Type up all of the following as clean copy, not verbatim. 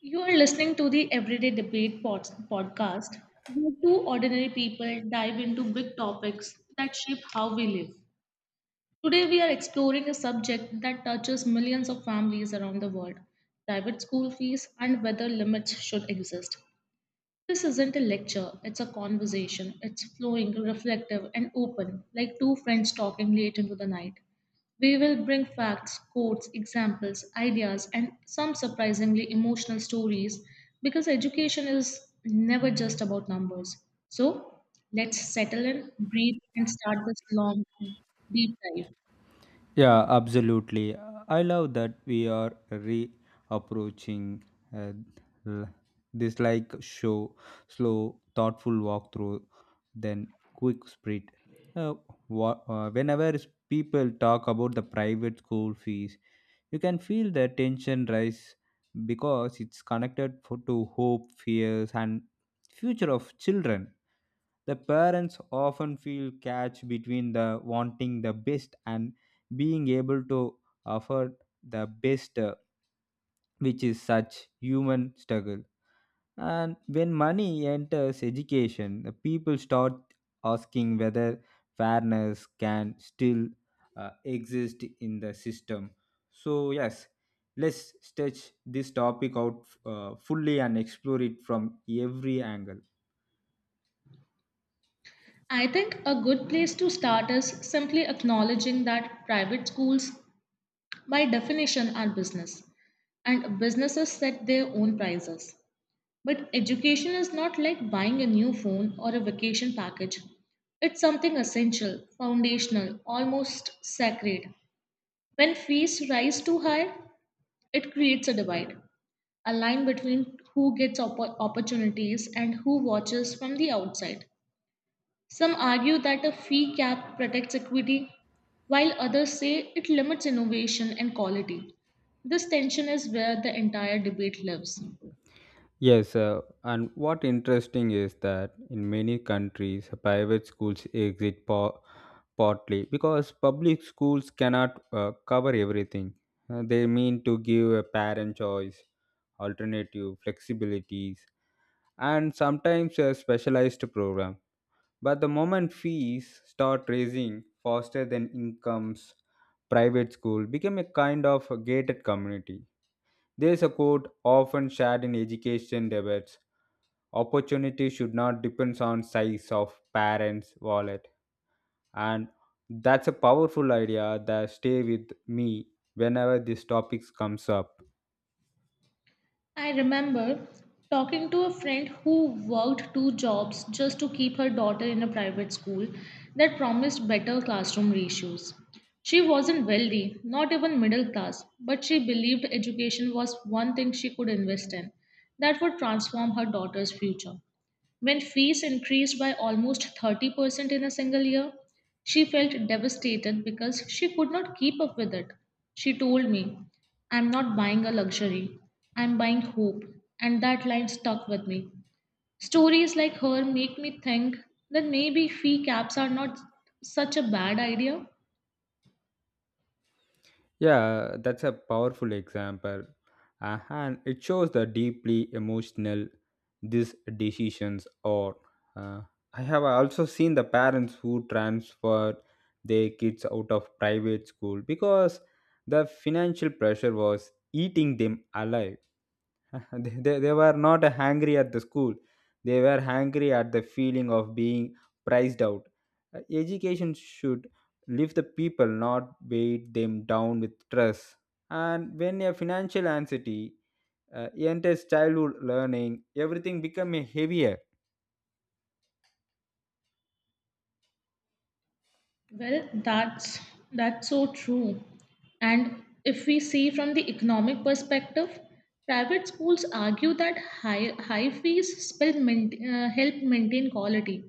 You are listening to the Everyday Debate podcast, where two ordinary people dive into big topics that shape how we live. Today, we are exploring a subject that touches millions of families around the world: private school fees and whether limits should exist. This isn't a lecture, it's a conversation. It's flowing, reflective, and open, like two friends talking late into the night. We will bring facts, quotes, examples, ideas, and some surprisingly emotional stories because education is never just about numbers. So let's settle in, breathe, and start this long, deep dive. Yeah, absolutely. I love that we are reapproaching uh, l- this like show, slow, thoughtful walkthrough, then quick sprint. Uh, whenever s- people talk about the private school fees, you can feel the tension rise because it's connected for, to hope, fears, and future of children the parents often feel catch between the wanting the best and being able to offer the best, which is such human struggle. And when money enters education, the people start asking whether fairness can still exist in the system. So yes, let's stretch this topic out fully and explore it from every angle. I think a good place to start is simply acknowledging that private schools by definition are business, and businesses set their own prices. But education is not like buying a new phone or a vacation package. It's something essential, foundational, almost sacred. When fees rise too high, it creates a divide, a line between who gets opportunities and who watches from the outside. Some argue that a fee cap protects equity, while others say it limits innovation and quality. This tension is where the entire debate lives. Yes, and what interesting is that in many countries, private schools partly because public schools cannot cover everything. They mean to give a parent choice, alternative flexibilities, and sometimes a specialized program. But the moment fees start raising faster than incomes, private school became a kind of a gated community. There is a quote often shared in education debates opportunity should not depend on size of parents wallet and that's a powerful idea that stay with me whenever these topics comes up. I remember talking to a friend who worked two jobs just to keep her daughter in a private school that promised better classroom ratios. She wasn't wealthy, not even middle class, but she believed education was one thing she could invest in that would transform her daughter's future. When fees increased by almost 30% in a single year, she felt devastated because she could not keep up with it. She told me, "I'm not buying a luxury, I'm buying hope." And that line stuck with me. Stories like her make me think that maybe fee caps are not such a bad idea. Yeah, that's a powerful example. And it shows the deeply emotional these decisions are. Uh, I have also seen the parents who transfer their kids out of private school because the financial pressure was eating them alive. They were not hangry at the school, they were hangry at the feeling of being priced out. Education should lift the people not bait them down with stress and when a financial anxiety enters childhood learning everything becomes heavier. Well, that's so true. And if we see from the economic perspective, private schools argue that high fees help maintain quality,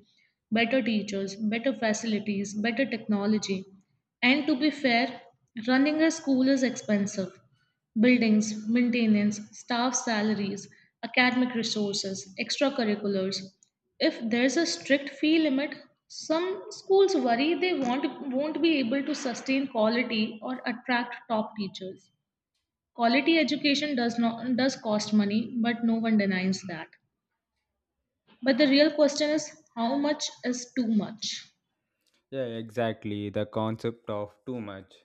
better teachers, better facilities, better technology. And to be fair, running a school is expensive. Buildings, maintenance, staff salaries, academic resources, extracurriculars. If there's a strict fee limit, some schools worry they won't be able to sustain quality or attract top teachers. Quality education does cost money, but no one denies that. But the real question is, how much is too much? Yeah, exactly. The concept of too much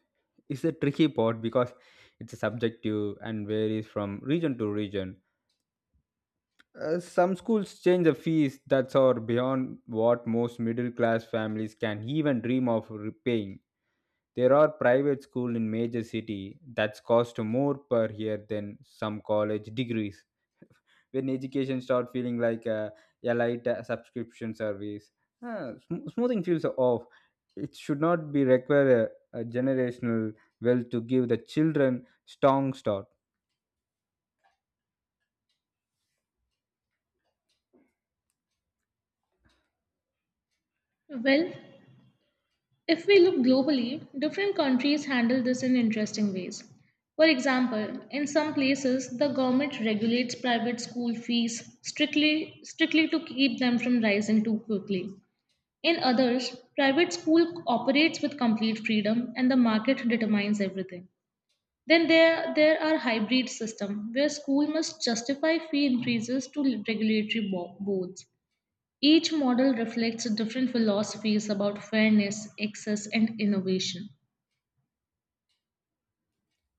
is a tricky part because it's subjective and varies from region to region. Some schools change the fees that's or beyond what most middle class families can even dream of repaying. There are private schools in major city that's cost more per year than some college degrees. When education start feeling like a elite subscription service, smoothing feels off. It should not be require a generational wealth to give the children strong start. Well, if we look globally, different countries handle this in interesting ways. For example, in some places the government regulates private school fees strictly to keep them from rising too quickly. In others, private school operates with complete freedom and the market determines everything. Then there are hybrid systems where school must justify fee increases to regulatory boards. Each model reflects different philosophies about fairness, access, and innovation.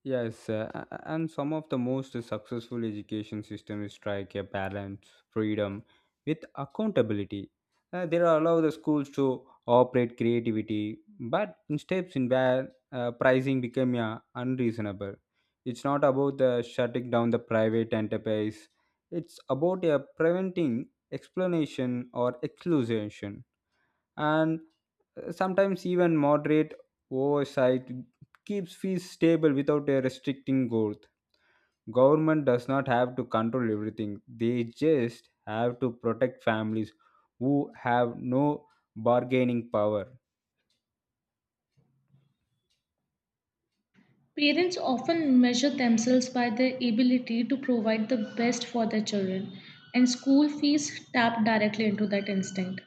Yes, and some of the most successful education systems strike a balance, freedom with accountability. They allow the schools to operate creativity, but in steps in where pricing become unreasonable. It's not about the shutting down the private enterprise. It's about preventing explanation or exclusion. And sometimes even moderate oversight keeps fees stable without a restricting growth. Government does not have to control everything. They just have to protect families who have no bargaining power. Parents often measure themselves by their ability to provide the best for their children, and school fees tap directly into that instinct.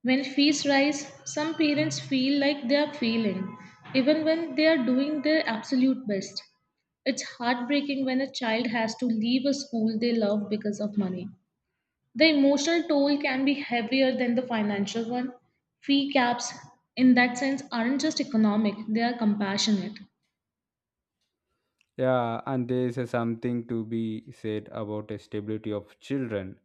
When fees rise, some parents feel like they are failing, even when they are doing their absolute best. It's heartbreaking when a child has to leave a school they love because of money. The emotional toll can be heavier than the financial one. Fee caps, in that sense, aren't just economic, they are compassionate. Yeah, and there is a something to be said about the stability of children.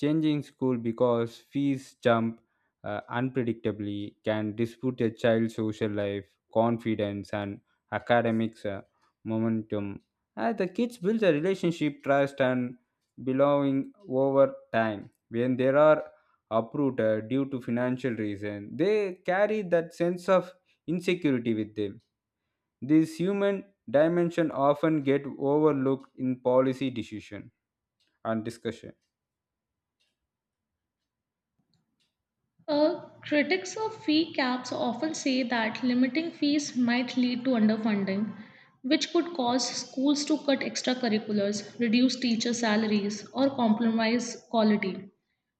Changing school because fees jump unpredictably can dispute a child's social life, confidence, and academics momentum. The kids build a relationship, trust, and belonging over time. When they are uprooted due to financial reason, they carry that sense of insecurity with them. This human dimension often get overlooked in policy decision and discussion. Uh, Critics of fee caps often say that limiting fees might lead to underfunding, which could cause schools to cut extracurriculars, reduce teacher salaries, or compromise quality.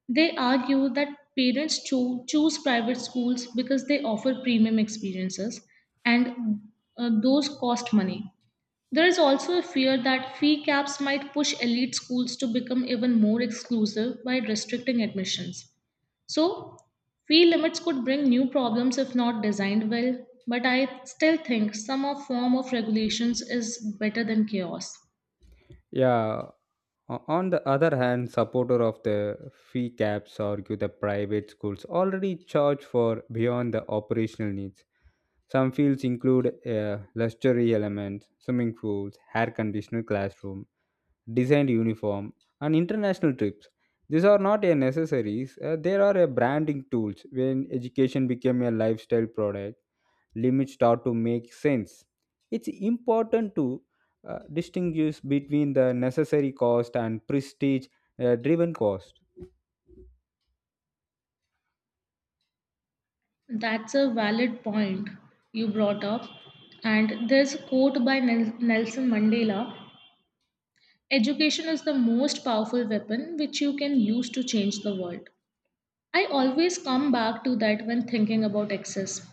They argue that parents choose private schools because they offer premium experiences and those cost money. There is also a fear that fee caps might push elite schools to become even more exclusive by restricting admissions. So, fee limits could bring new problems if not designed well, but I still think some of form of regulations is better than chaos. Yeah. On the other hand, supporter of the fee caps argue the private schools already charge for beyond the operational needs. Some fields include luxury elements, swimming pools, air conditioned classroom, designed uniform, and international trips. These are not a necessaries; they are a branding tools when education became a lifestyle product limits start to make sense. It's important to distinguish between the necessary cost and prestige driven cost. That's a valid point you brought up. And there's a quote by Nelson Mandela: "Education is the most powerful weapon which you can use to change the world." I always come back to that when thinking about access.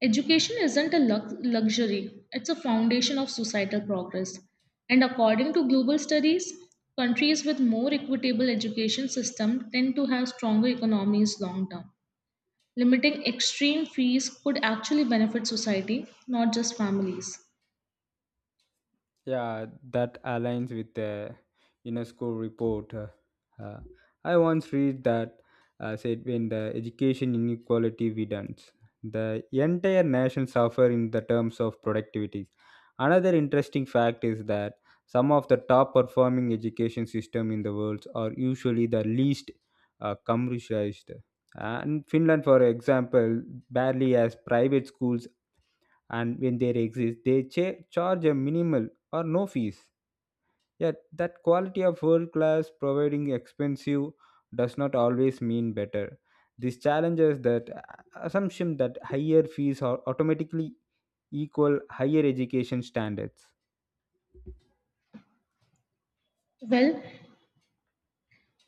Education isn't a luxury, it's a foundation of societal progress. And according to global studies, countries with more equitable education system tend to have stronger economies long term. Limiting extreme fees could actually benefit society, not just families. Yeah, that aligns with the UNESCO report. Uh, I once read that said when the education inequality widens, the entire nation suffer in the terms of productivity. Another interesting fact is that some of the top performing education system in the world are usually the least commercialized. And Finland, for example, barely has private schools and when they exist they charge a minimal or no fees yet that quality of world class providing expensive does not always mean better. This challenges that assumption that higher fees are automatically equal higher education standards. Well,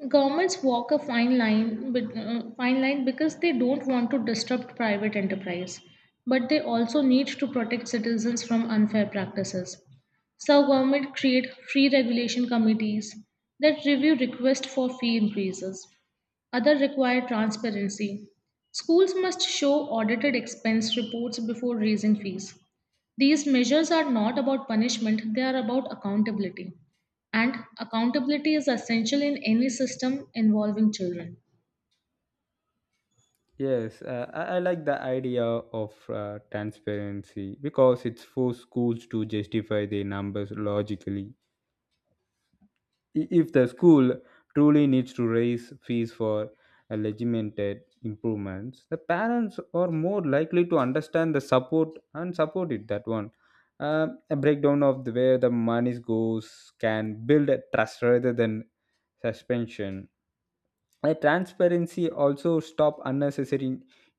governments walk a fine line, fine line, because they don't want to disrupt private enterprise, but they also need to protect citizens from unfair practices. So, government create free regulation committees that review requests for fee increases. Other require transparency. Schools must show audited expense reports before raising fees. These measures are not about punishment; they are about accountability, and accountability is essential in any system involving children. Yes, I like the idea of transparency because it forces schools to justify their numbers logically. If the school truly needs to raise fees for legitimate improvements the parents are more likely to understand the support and support it that one. Uh, a breakdown of the, where the money goes can build a trust rather than suspension. A transparency also stop unnecessary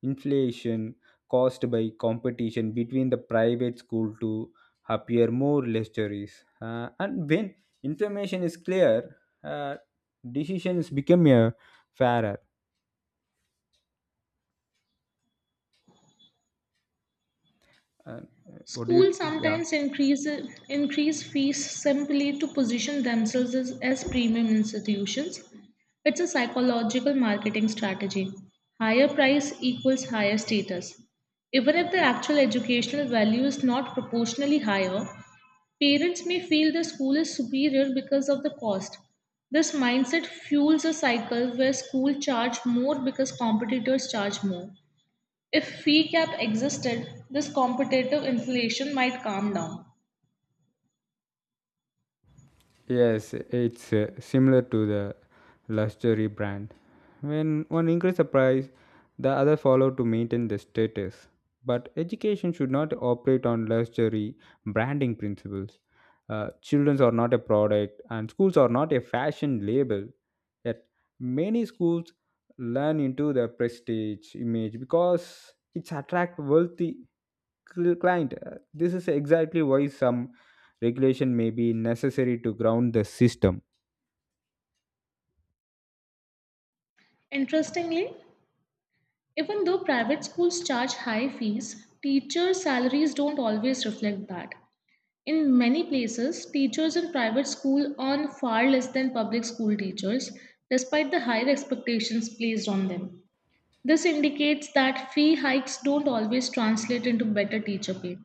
inflation caused by competition between the private school to appear more luxurious. And when information is clear, uh, decisions become fairer. Uh, what do you? Schools Yeah. sometimes increase fees simply to position themselves as premium institutions. It's a psychological marketing strategy. Higher price equals higher status. Even if the actual educational value is not proportionally higher, parents may feel the school is superior because of the cost. This mindset fuels a cycle where school charge more because competitors charge more. If fee cap existed, this competitive inflation might calm down. Yes, it's similar to the luxury brand. When one increase the price, the other follow to maintain the status. But education should not operate on luxury branding principles. Children are not a product, and schools are not a fashion label. Yet many schools learn into the prestige image because it's attract wealthy client. This is exactly why some regulation may be necessary to ground the system. Interestingly, even though private schools charge high fees, teachers' salaries don't always reflect that. In many places, teachers in private school earn far less than public school teachers, despite the higher expectations placed on them. This indicates that fee hikes don't always translate into better teacher pay.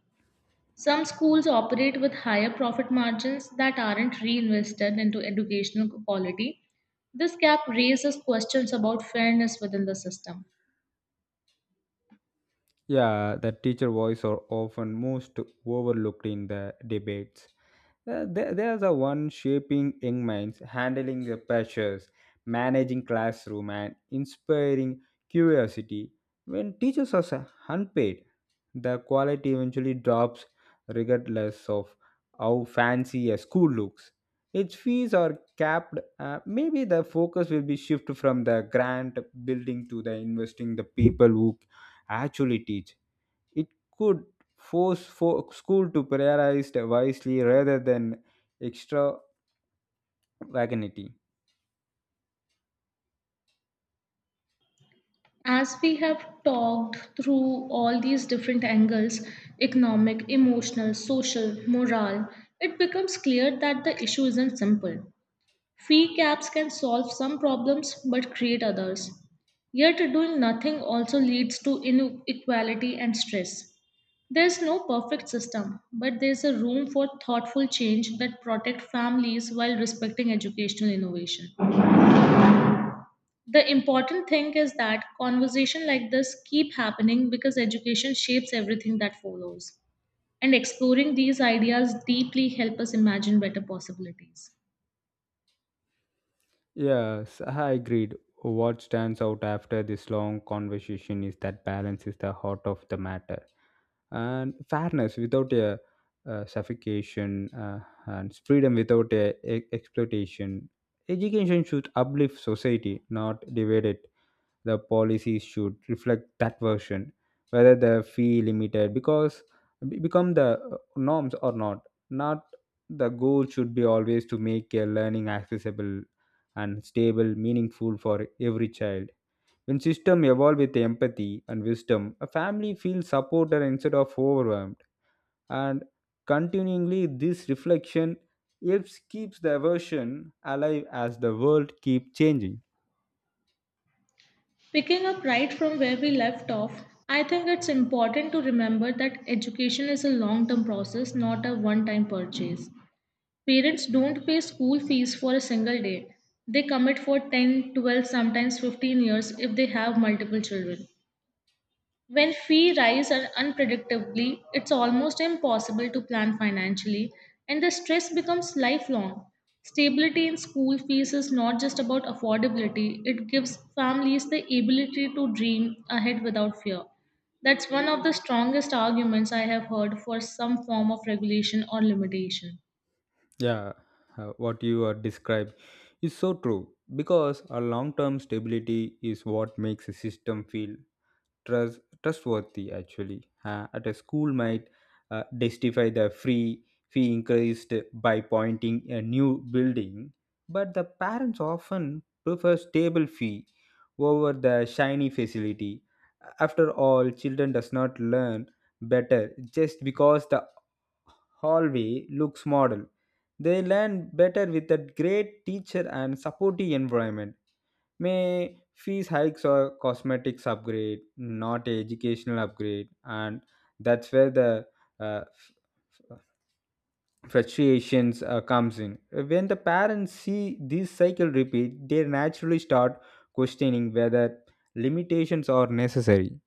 Some schools operate with higher profit margins that aren't reinvested into educational quality. This gap raises questions about fairness within the system. Yeah, the teacher voice are often most overlooked in the debates. They are the one shaping young minds, handling the pressures, managing classroom, and inspiring curiosity. When teachers are unpaid, the quality eventually drops regardless of how fancy a school looks. Its fees are capped. Maybe the focus will be shifted from the grant building to the investing the people who actually teach. It could force for school to prioritize wisely rather than extravagancy. As we have talked through all these different angles economic, emotional, social, moral it becomes clear that the issue isn't simple. Fee caps can solve some problems but create others. Yet, doing nothing also leads to inequality and stress. There's no perfect system, but there's a room for thoughtful change that protect families while respecting educational innovation. The important thing is that conversation like this keep happening because education shapes everything that follows. And exploring these ideas deeply help us imagine better possibilities. Yes, I agreed. What stands out after this long conversation is that balance is the heart of the matter, and fairness without a suffocation, and freedom without exploitation. Education should uplift society, not divide it. The policies should reflect that version whether the fee limited because become the norms or not the goal should be always to make a learning accessible and stable meaningful for every child when system evolve with empathy and wisdom a family feels supported instead of overwhelmed and continually, this reflection helps keeps the version alive as the world keep changing. Picking up right from where we left off, I think it's important to remember that education is a long term process, not a one time purchase. Parents don't pay school fees for a single day, they commit for 10, 12, sometimes 15 years if they have multiple children. When fee rise unpredictably, it's almost impossible to plan financially, and the stress becomes lifelong. Stability in school fees is not just about affordability, it gives families the ability to dream ahead without fear. That's one of the strongest arguments I have heard for some form of regulation or limitation. Yeah, what you are described is so true because a long term stability is what makes a system feel trustworthy actually. At a school might justify the free fee increased by pointing a new building, but the parents often prefer stable fee over the shiny facility. After all, children does not learn better just because the hallway looks model. They learn better with a great teacher and supportive environment may fees hikes or cosmetics upgrade not educational upgrade and that's where the uh, frustrations comes in when the parents see this cycle repeat they naturally start questioning whether limitations are necessary.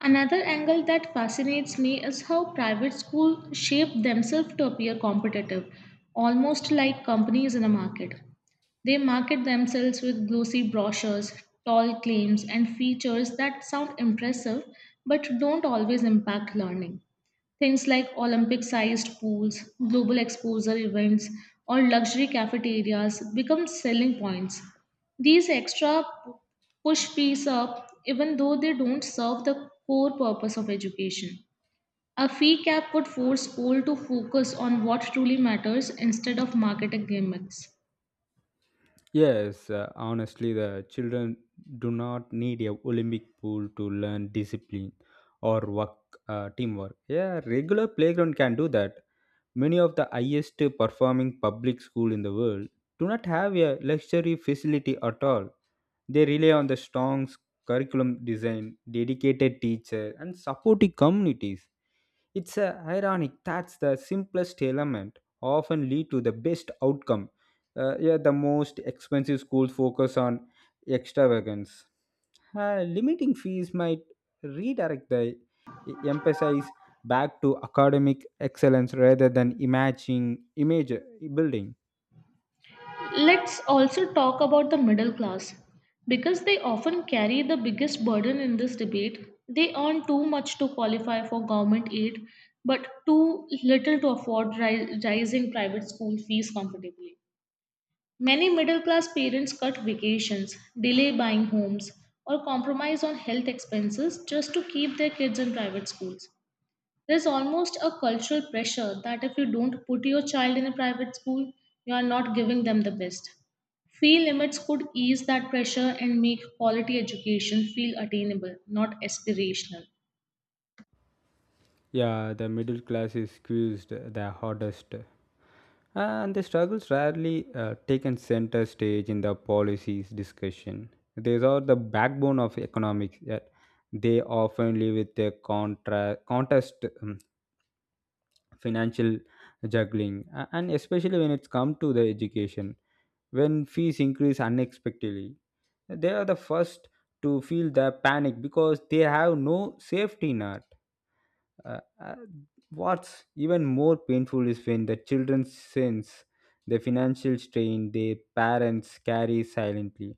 Another angle that fascinates me is how private schools shape themselves to appear competitive, almost like companies in a market. They market themselves with glossy brochures, tall claims, and features that sound impressive but don't always impact learning. Things like Olympic sized pools, global exposure events, or luxury cafeterias become selling points. These push fees up even though they don't serve the core purpose of education. A fee cap would force schools to focus on what truly matters instead of marketing gimmicks. Yes, honestly the children do not need a olympic pool to learn discipline or work teamwork, yeah, regular playground can do that. Many of the highest performing public schools in the world do not have a luxury facility at all. They rely on the curriculum design, dedicated teacher, and supportive communities. It's ironic that the simplest element often lead to the best outcome. Yeah, the most expensive schools focus on extravagance limiting fees might redirect the emphasis back to academic excellence rather than imaging image building. Let's also talk about the middle class. Because they often carry the biggest burden in this debate, they earn too much to qualify for government aid, but too little to afford rising private school fees comfortably. Many middle class parents cut vacations, delay buying homes, or compromise on health expenses just to keep their kids in private schools. There's almost a cultural pressure that if you don't put your child in a private school, you are not giving them the best. Fee limits could ease that pressure and make quality education feel attainable, not aspirational. Yeah, the middle class is squeezed the hardest and the struggles rarely taken center stage in the policies discussion. These are the backbone of economics yet they often live with a contest financial juggling. And especially when it's come to the education when fees increase unexpectedly. They are the first to feel the panic because they have no safety net. Uh, uh, what's even more painful is when the children sense the financial strain their parents carry silently.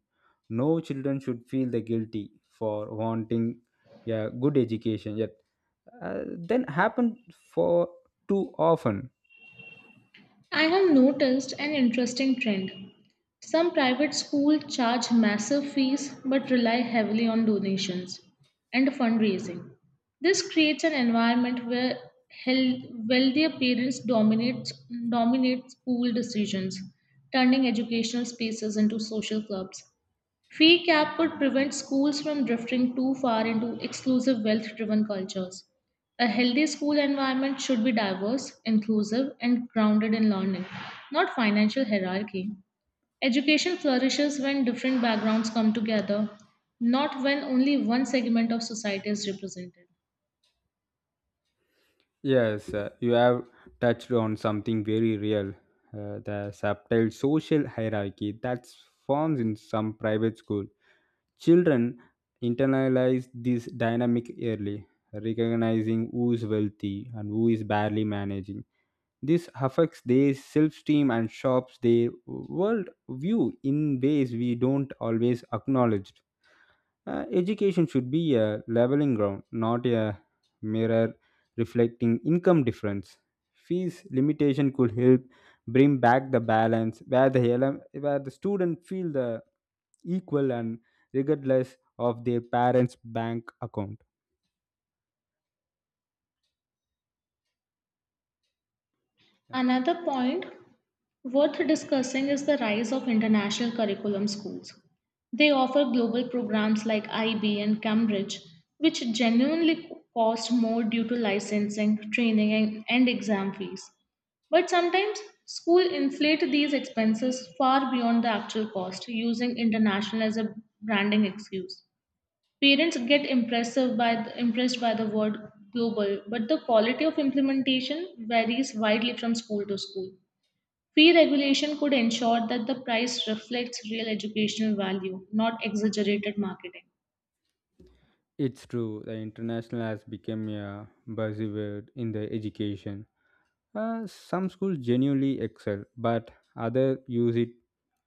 No children should feel the guilty for wanting a good education, yet then happen for too often. I have noticed an interesting trend. Some private schools charge massive fees but rely heavily on donations and fundraising. This creates an environment where hel- wealthier parents dominate school decisions, turning educational spaces into social clubs. Fee cap could prevent schools from drifting too far into exclusive wealth driven cultures. A healthy school environment should be diverse, inclusive, and grounded in learning, not financial hierarchy. Education flourishes when different backgrounds come together, not when only one segment of society is represented. Yes, you have touched on something very real, the subtle social hierarchy that forms in some private school. Children internalize this dynamic early, recognizing who is wealthy and who is barely managing. This affects their self esteem and shapes their world view in ways we don't always acknowledge. Education should be a leveling ground, not a mirror reflecting income difference. Fees limitation could help bring back the balance where the student feel the equal and regardless of their parents' bank account. Yeah. Another point worth discussing is the rise of international curriculum schools. They offer global programs like IB and Cambridge, which genuinely cost more due to licensing, training, and exam fees. But sometimes school inflate these expenses far beyond the actual cost, using international as a branding excuse. Parents get impressive by the, impressed by the word global, but the quality of implementation varies widely from school to school. Fee regulation could ensure that the price reflects real educational value, not exaggerated marketing. It's true. The international has become a buzzword in the education. Some schools genuinely excel, but others use it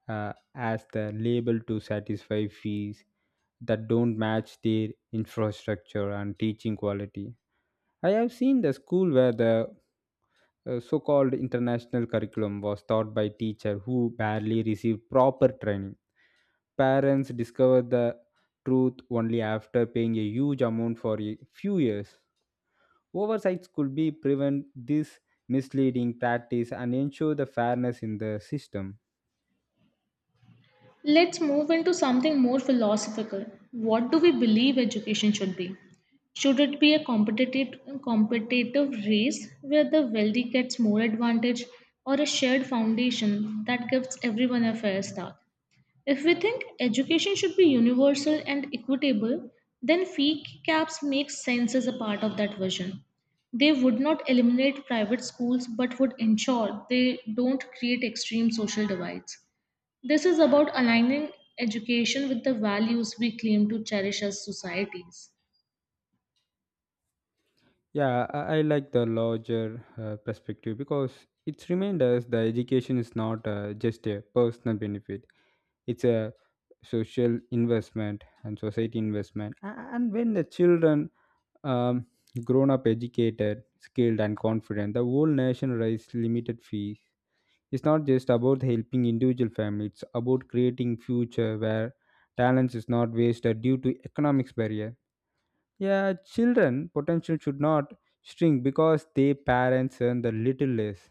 as the label to satisfy fees that don't match their infrastructure and teaching quality. I have seen the school where the so-called international curriculum was taught by teacher who barely received proper training. Parents discovered the truth only after paying a huge amount for a few years. Oversights could be prevent this misleading practice and ensure the fairness in the system. Let's move into something more philosophical. What do we believe education should be? Should it be a competitive race where the wealthy gets more advantage, or a shared foundation that gives everyone a fair start? If we think education should be universal and equitable, then fee caps make sense as a part of that vision. They would not eliminate private schools but would ensure they don't create extreme social divides. This is about aligning education with the values we claim to cherish as societies. Yeah, I like the larger perspective because it reminds us the education is not just a personal benefit; it's a social investment and society investment. And when the children um, grown up educated, skilled, and confident, the whole nation raise limited fees. It's not just about helping individual families, it's about creating future where talents is not wasted due to economics barrier. Yeah, children potential should not shrink because their parents earn the little less.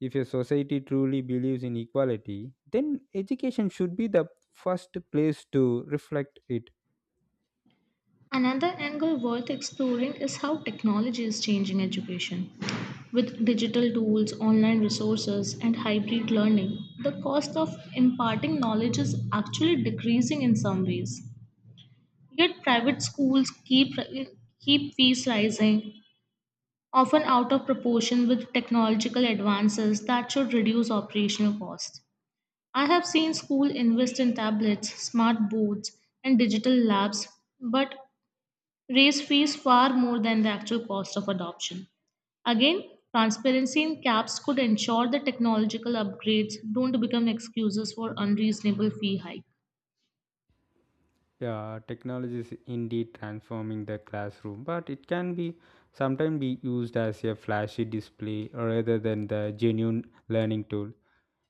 If a society truly believes in equality, then education should be the first place to reflect it. Another angle worth exploring is how technology is changing education. With digital tools, online resources, and hybrid learning, the cost of imparting knowledge is actually decreasing in some ways. Yet private schools keep fees rising, often out of proportion with technological advances that should reduce operational costs. I have seen schools invest in tablets, smart boards, and digital labs, but raise fees far more than the actual cost of adoption. Again, transparency in caps could ensure that technological upgrades don't become excuses for unreasonable fee hike. Yeah, technology is indeed transforming the classroom, but it can be sometimes be used as a flashy display rather than the genuine learning tool.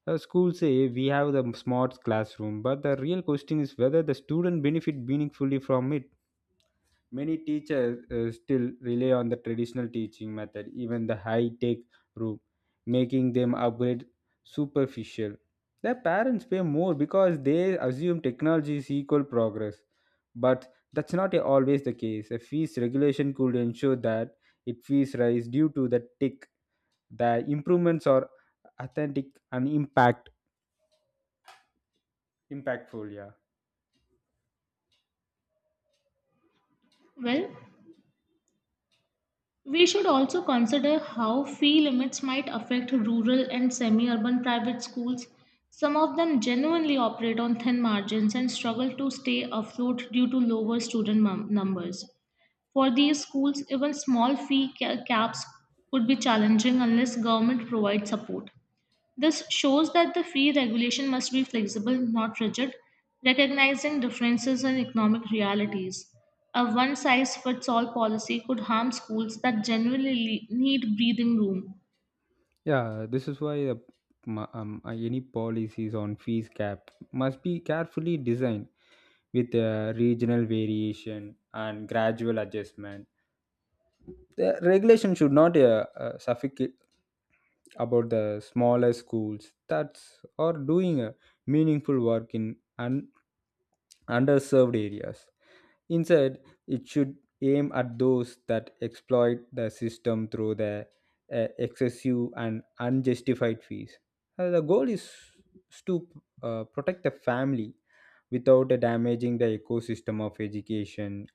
Schools say we have the smart classroom, but the real question is whether the student benefit meaningfully from it. Many teachers still rely on the traditional teaching method, even the high-tech route, making them upgrade superficial. Their parents pay more because they assume technology is equal progress, but that's not always the case. A fees regulation could ensure that it fees rise due to the tick. The improvements are authentic and impactful. Yeah. Well, we should also consider how fee limits might affect rural and semi urban private schools. Some of them genuinely operate on thin margins and struggle to stay afloat due to lower student numbers. For these schools, even small fee caps could be challenging unless government provides support. This shows that the fee regulation must be flexible, not rigid, recognizing differences in economic realities. A one size fits all policy could harm schools that genuinely need breathing room. Yeah, this is why any policies on fees cap must be carefully designed with regional variation and gradual adjustment. The regulation should not suffocate about the smaller schools that are doing meaningful work in un- underserved areas. Instead, it should aim at those that exploit the system through their excessive and unjustified fees. The goal is to protect the family without damaging the ecosystem of education.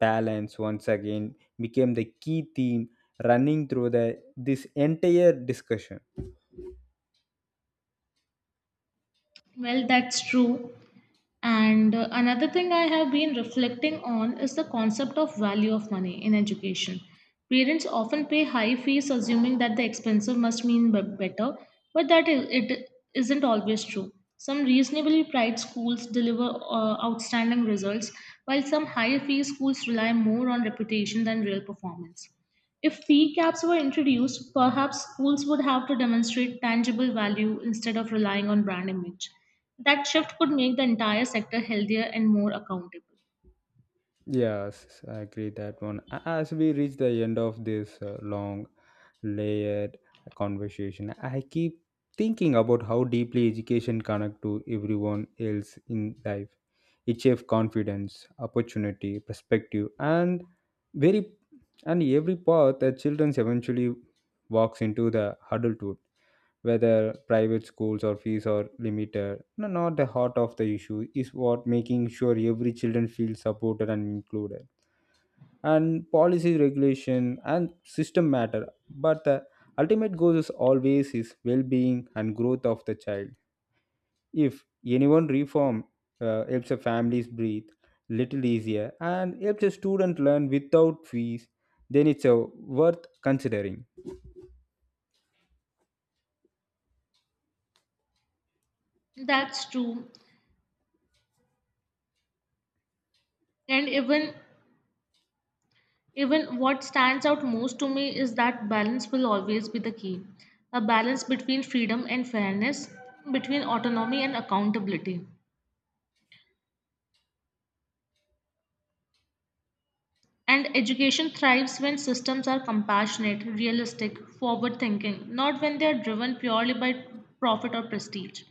Balance once again became the key theme running through the this entire discussion. Well, that's true. And another thing I have been reflecting on is the concept of value of money in education. Parents often pay high fees assuming that the expensive must mean better, but it isn't always true. Some reasonably priced schools deliver outstanding results, while some higher fee schools rely more on reputation than real performance. If fee caps were introduced, perhaps schools would have to demonstrate tangible value instead of relying on brand image. That shift could make the entire sector healthier and more accountable. Yes, I agree that one. As we reach the end of this long, layered conversation, I keep thinking about how deeply education connect to everyone else in life it shapes confidence opportunity perspective and very and every path that children eventually walks into the adulthood whether private schools or fees are limited no, not the heart of the issue is what making sure every children feels supported and included and policy regulation and system matter but the ultimate goal is always is well-being and growth of the child if anyone reform helps the families breathe little easier and helps a student learn without fees, then it's worth considering. That's true. And even what stands out most to me is that balance will always be the key. A balance between freedom and fairness, between autonomy and accountability. And education thrives when systems are compassionate, realistic, forward thinking, not when they are driven purely by profit or prestige.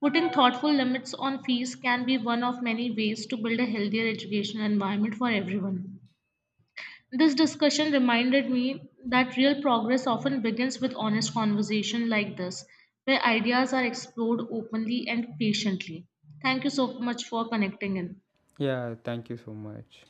Putting thoughtful limits on fees can be one of many ways to build a healthier education environment for everyone. This discussion reminded me that real progress often begins with honest conversation like this, where ideas are explored openly and patiently. Thank you so much for connecting in. Yeah, thank you so much.